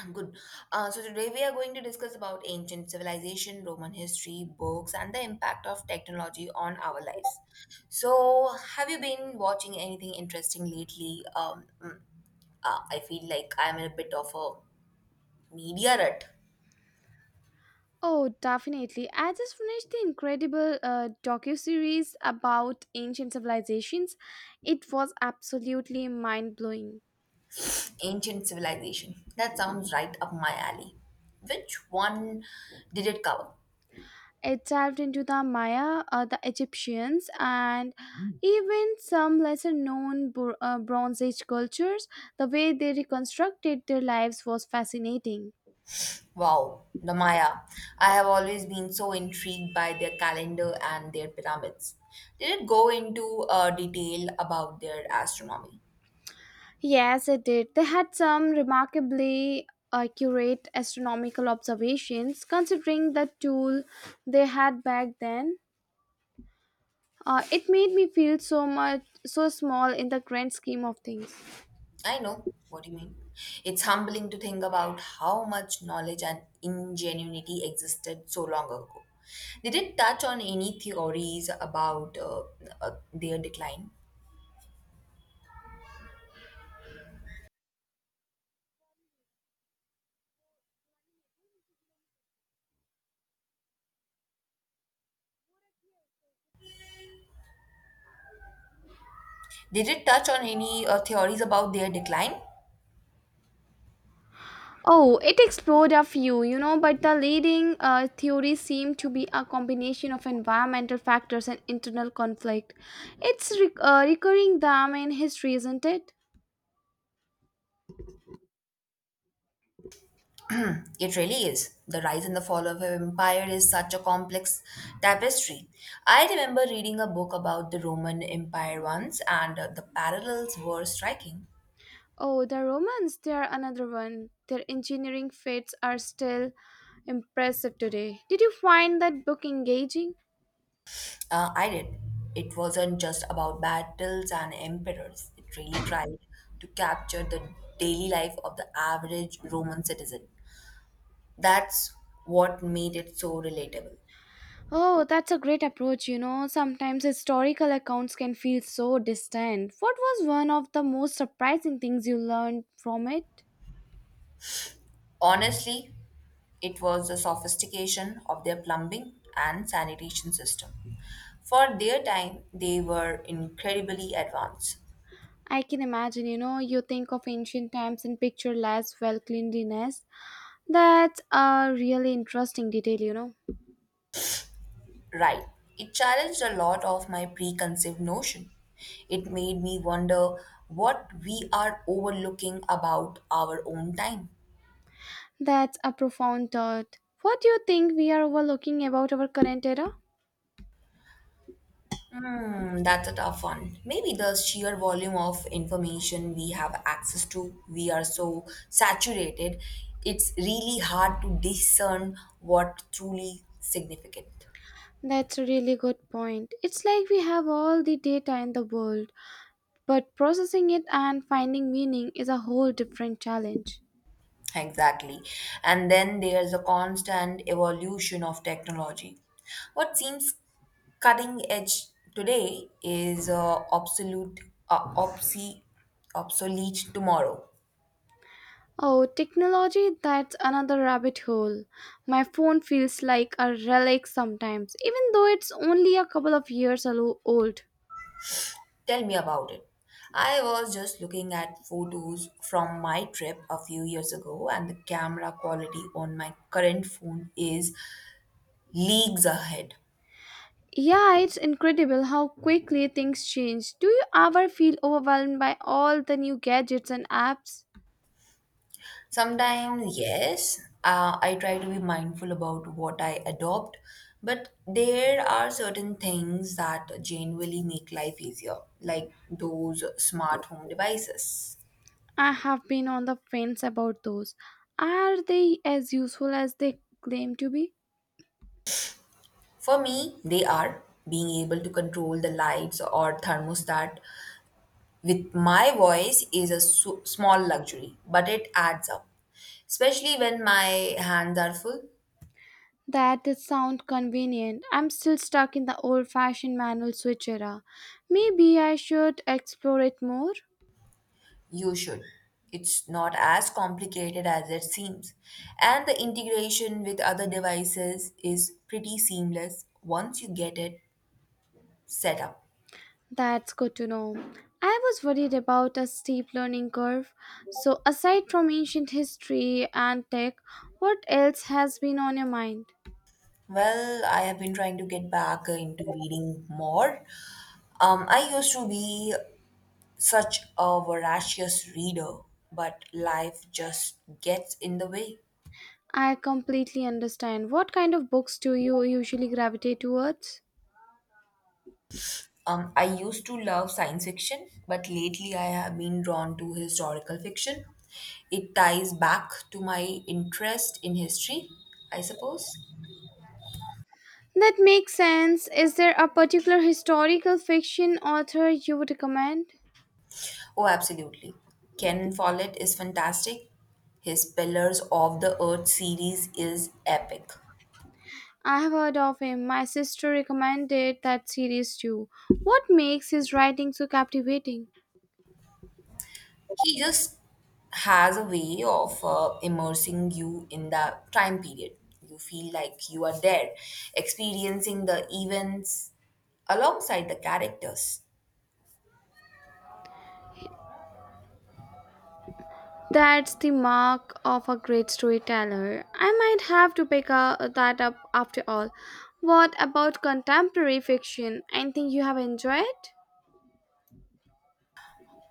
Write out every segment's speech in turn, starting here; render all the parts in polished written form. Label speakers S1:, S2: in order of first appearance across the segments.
S1: I'm good. So today we are going to discuss about ancient civilization, Roman history, books, and the impact of technology on our lives. So, have you been watching anything interesting lately? I feel like I'm in a bit of a media rut.
S2: Oh, definitely. I just finished the incredible docu-series about ancient civilizations. It was absolutely mind-blowing.
S1: Ancient civilization. That sounds right up my alley. Which one did it cover?
S2: It delved into the Maya, the Egyptians, and even some lesser-known Bronze Age cultures. The way they reconstructed their lives was fascinating.
S1: Wow, the Maya. I have always been so intrigued by their calendar and their pyramids. Did it go into detail about their astronomy?
S2: Yes, it did. They had some remarkably accurate astronomical observations considering the tool they had back then. It made me feel so small in the grand scheme of things.
S1: I know what you mean. It's humbling to think about how much knowledge and ingenuity existed so long ago. Did it touch on any theories about their decline? Did it touch on any theories about their decline?
S2: Oh, it explored a few, you know, but the leading theory seemed to be a combination of environmental factors and internal conflict. It's recurring them in history, isn't it?
S1: It really is. The rise and the fall of an empire is such a complex tapestry. I remember reading a book about the Roman Empire once, and the parallels were striking.
S2: Oh, the Romans, they are another one. Their engineering feats are still impressive today. Did you find that book engaging?
S1: I did. It wasn't just about battles and emperors, it really tried to capture the daily life of the average Roman citizen. That's what made it so relatable.
S2: Oh, that's a great approach, you know. Sometimes historical accounts can feel so distant. What was one of the most surprising things you learned from it?
S1: Honestly, it was the sophistication of their plumbing and sanitation system. For their time, they were incredibly advanced.
S2: I can imagine, you know, you think of ancient times and picture less well cleanliness. That's a really interesting detail, you know.
S1: Right, it challenged a lot of my preconceived notion. It made me wonder what we are overlooking about our own time.
S2: That's a profound thought. What do you think we are overlooking about our current era?
S1: Hmm, that's a tough one. Maybe the sheer volume of information we have access to, we are so saturated, it's really hard to discern what truly significant.
S2: That's a really good point. It's like we have all the data in the world, but processing it and finding meaning is a whole different challenge.
S1: Exactly. And then there's a constant evolution of technology. What seems cutting edge today is uh, obse- obsolete tomorrow.
S2: Oh, technology, that's another rabbit hole. My phone feels like a relic sometimes, even though it's only a couple of years old.
S1: Tell me about it. I was just looking at photos from my trip a few years ago, and the camera quality on my current phone is leagues ahead.
S2: Yeah, it's incredible how quickly things change. Do you ever feel overwhelmed by all the new gadgets and apps?
S1: Sometimes, yes, I try to be mindful about what I adopt, but there are certain things that genuinely make life easier, like those smart home devices.
S2: I have been on the fence about those. Are they as useful as they claim to be?
S1: For me, they are being able to control the lights or thermostat with my voice is a small luxury, but it adds up, especially when my hands are full.
S2: That did sound convenient. I'm still stuck in the old fashioned manual switch era. Maybe I should explore it more.
S1: You should. It's not as complicated as it seems. And the integration with other devices is pretty seamless once you get it set up.
S2: That's good to know. I was worried about a steep learning curve. So, aside from ancient history and tech, what else has been on your mind?
S1: Well, I have been trying to get back into reading more. I used to be such a voracious reader, but life just gets in the way.
S2: I completely understand. What kind of books do you usually gravitate towards?
S1: I used to love science fiction, but lately I have been drawn to historical fiction. It ties back to my interest in history, I suppose.
S2: That makes sense. Is there a particular historical fiction author you would recommend?
S1: Oh, absolutely. Ken Follett is fantastic. His Pillars of the Earth series is epic.
S2: I have heard of him. My sister recommended that series too. What makes his writing so captivating?
S1: He just has a way of immersing you in the time period. You feel like you are there, experiencing the events alongside the characters.
S2: That's the mark of a great storyteller. I might have to pick that up after all. What about contemporary fiction? Anything you have enjoyed?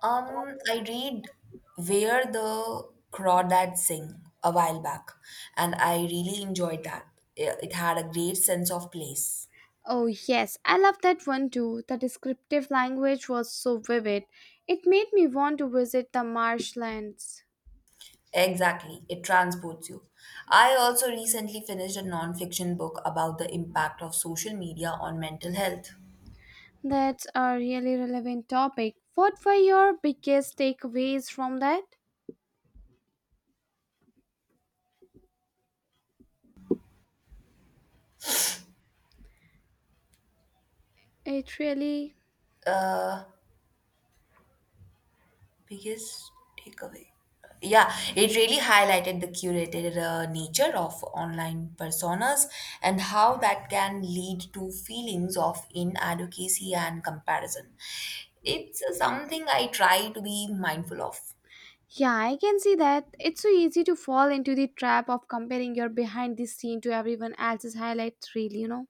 S1: I read Where the Crawdads Sing a while back, and I really enjoyed that. It had a great sense of place.
S2: Oh, yes, I love that one too. The descriptive language was so vivid. It made me want to visit the marshlands.
S1: Exactly, it transports you. I also recently finished a non-fiction book about the impact of social media on mental health.
S2: That's a really relevant topic. What were your biggest takeaways from that? It really.
S1: Uh, Biggest takeaway. Yeah, it really highlighted the curated nature of online personas and how that can lead to feelings of inadequacy and comparison. It's something I try to be mindful of.
S2: Yeah, I can see that. It's so easy to fall into the trap of comparing your behind the scene to everyone else's highlight reel, you know?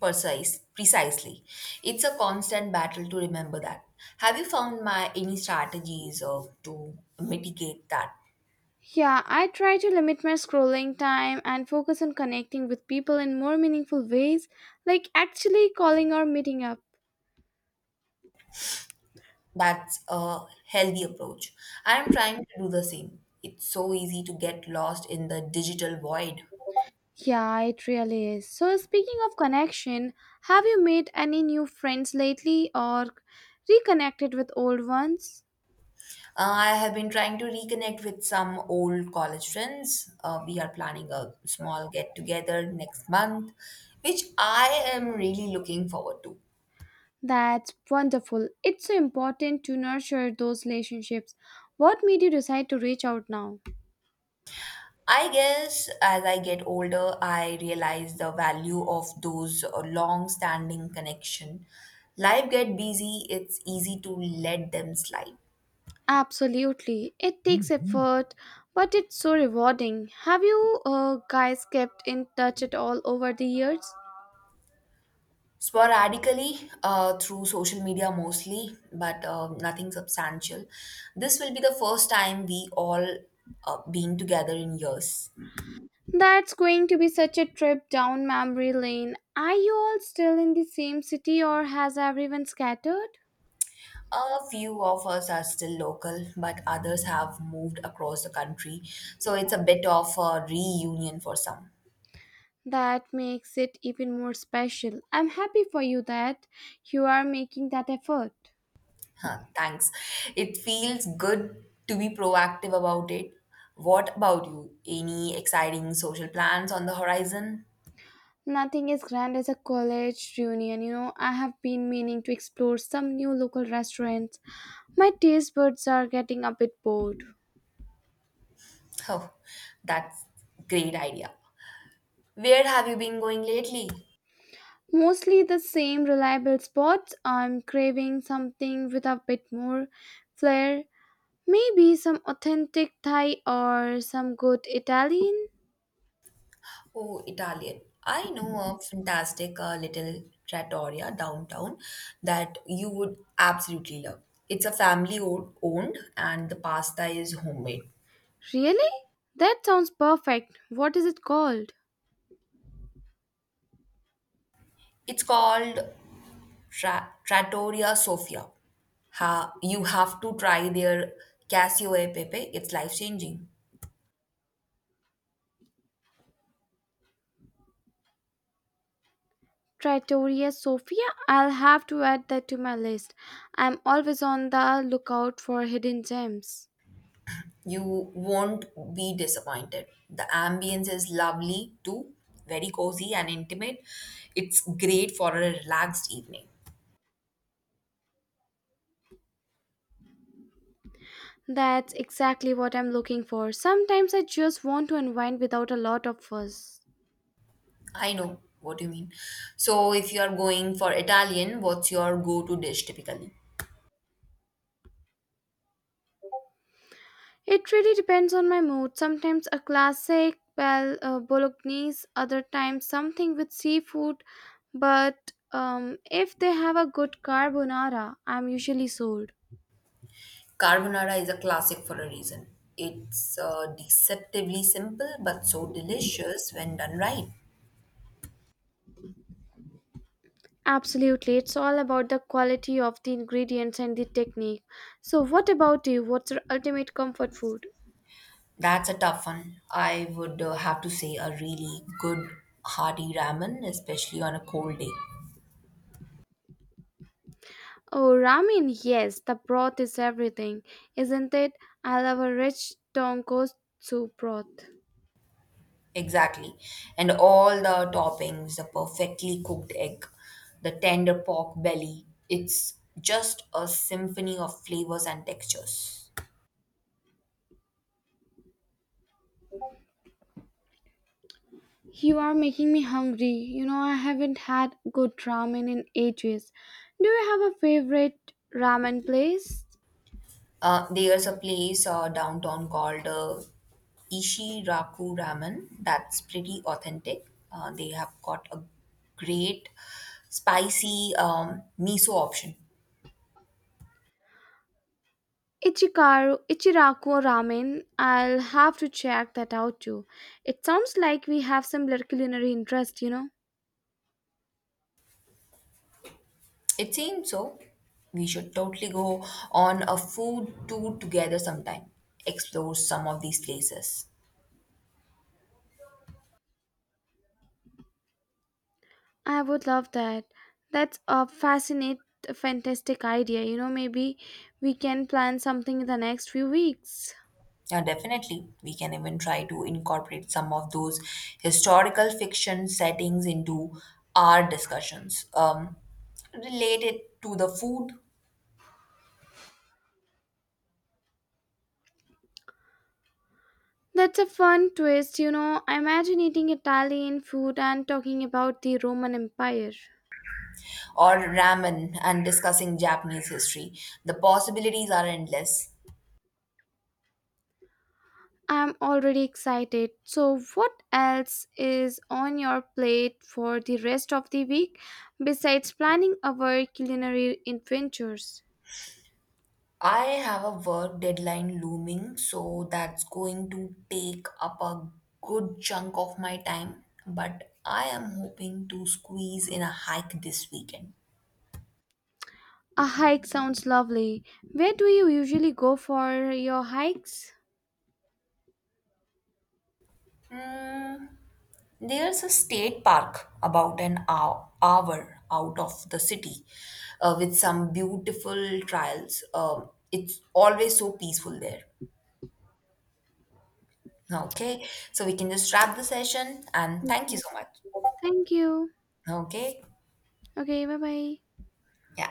S1: Precisely. It's a constant battle to remember that. Have you found my any strategies or to mitigate that?
S2: Yeah, I try to limit my scrolling time and focus on connecting with people in more meaningful ways, like actually calling or meeting up.
S1: That's a healthy approach. I'm trying to do the same. It's so easy to get lost in the digital void.
S2: Yeah, it really is. So, speaking of connection, have you made any new friends lately or reconnected with old ones?
S1: I have been trying to reconnect with some old college friends. We are planning a small get together next month, which I am really looking forward to.
S2: That's wonderful. It's so important to nurture those relationships. What made you decide to reach out now?
S1: I guess as I get older, I realize the value of those long standing connection. Life get busy, it's easy to let them slide.
S2: Absolutely. It takes, mhm, effort, but it's so rewarding. Have you guys kept in touch at all over the years?
S1: Sporadically through social media mostly, but nothing substantial. This will be the first time we all been together in years.
S2: That's going to be such a trip down memory lane. Are you all still in the same city or has everyone scattered?
S1: A few of us are still local, but others have moved across the country, so it's a bit of a reunion for some.
S2: That makes it even more special. I'm happy for you that you are making that effort.
S1: Huh, thanks. It feels good to be proactive about it. What about you? Any exciting social plans on the horizon?
S2: Nothing as grand as a college reunion, you know. I have been meaning to explore some new local restaurants. My taste buds are getting a bit bored.
S1: Oh, that's great idea. Where have you been going lately?
S2: Mostly the same reliable spots. I'm craving something with a bit more flair. Maybe some authentic Thai or some good Italian.
S1: Oh, Italian. I know a fantastic little trattoria downtown that you would absolutely love. It's a family owned and the pasta is homemade.
S2: Really? That sounds perfect. What is it called?
S1: It's called Trattoria Sofia. You have to try their cassio e pepe. It's life changing.
S2: Trattoria Sofia, I'll have to add that to my list. I'm always on the lookout for hidden gems.
S1: You won't be disappointed. The ambience is lovely too, very cozy and intimate. It's great for a relaxed evening.
S2: That's exactly what I'm looking for. Sometimes I just want to unwind without a lot of fuss.
S1: I know what you mean. So, if you are going for Italian, what's your go to dish typically?
S2: It really depends on my mood. Sometimes a classic bolognese, other times something with seafood. But if they have a good carbonara, I'm usually sold.
S1: Carbonara is a classic for a reason. It's deceptively simple but so delicious when done right.
S2: Absolutely, it's all about the quality of the ingredients and the technique. So, what about you? What's your ultimate comfort food?
S1: That's a tough one. I would have to say a really good hearty ramen, especially on a cold day.
S2: Oh, ramen, yes, the broth is everything, isn't it? I love a rich tonkotsu broth.
S1: Exactly. And all the toppings, the perfectly cooked egg, the tender pork belly, it's just a symphony of flavors and textures.
S2: You are making me hungry. You know, I haven't had good ramen in ages. Do you have a favorite ramen place?
S1: There's a place downtown called Ishiraku Ramen that's pretty authentic. They have got a great spicy miso option.
S2: Ichiraku ramen. I'll have to check that out too. It sounds like we have similar culinary interest, you know.
S1: It seems so. We should totally go on a food tour together sometime, explore some of these places.
S2: I would love that. That's a fantastic idea. You know, maybe we can plan something in the next few weeks.
S1: Yeah, definitely, we can even try to incorporate some of those historical fiction settings into our discussions, related to the food
S2: That's a fun twist, you know. I imagine eating Italian food and talking about the Roman Empire.
S1: or ramen and discussing Japanese history. The possibilities are endless.
S2: I'm already excited. So, what else is on your plate for the rest of the week besides planning our culinary adventures?
S1: I have a work deadline looming, so that's going to take up a good chunk of my time. But I am hoping to squeeze in a hike this weekend.
S2: A hike sounds lovely. Where do you usually go for your hikes?
S1: Hmm, there's a state park about an hour, hour out of the city with some beautiful trails. It's always so peaceful there. Okay, so we can just wrap the session and thank you
S2: Okay.
S1: so much.
S2: Thank you.
S1: Okay,
S2: Okay, bye bye.
S1: yeah.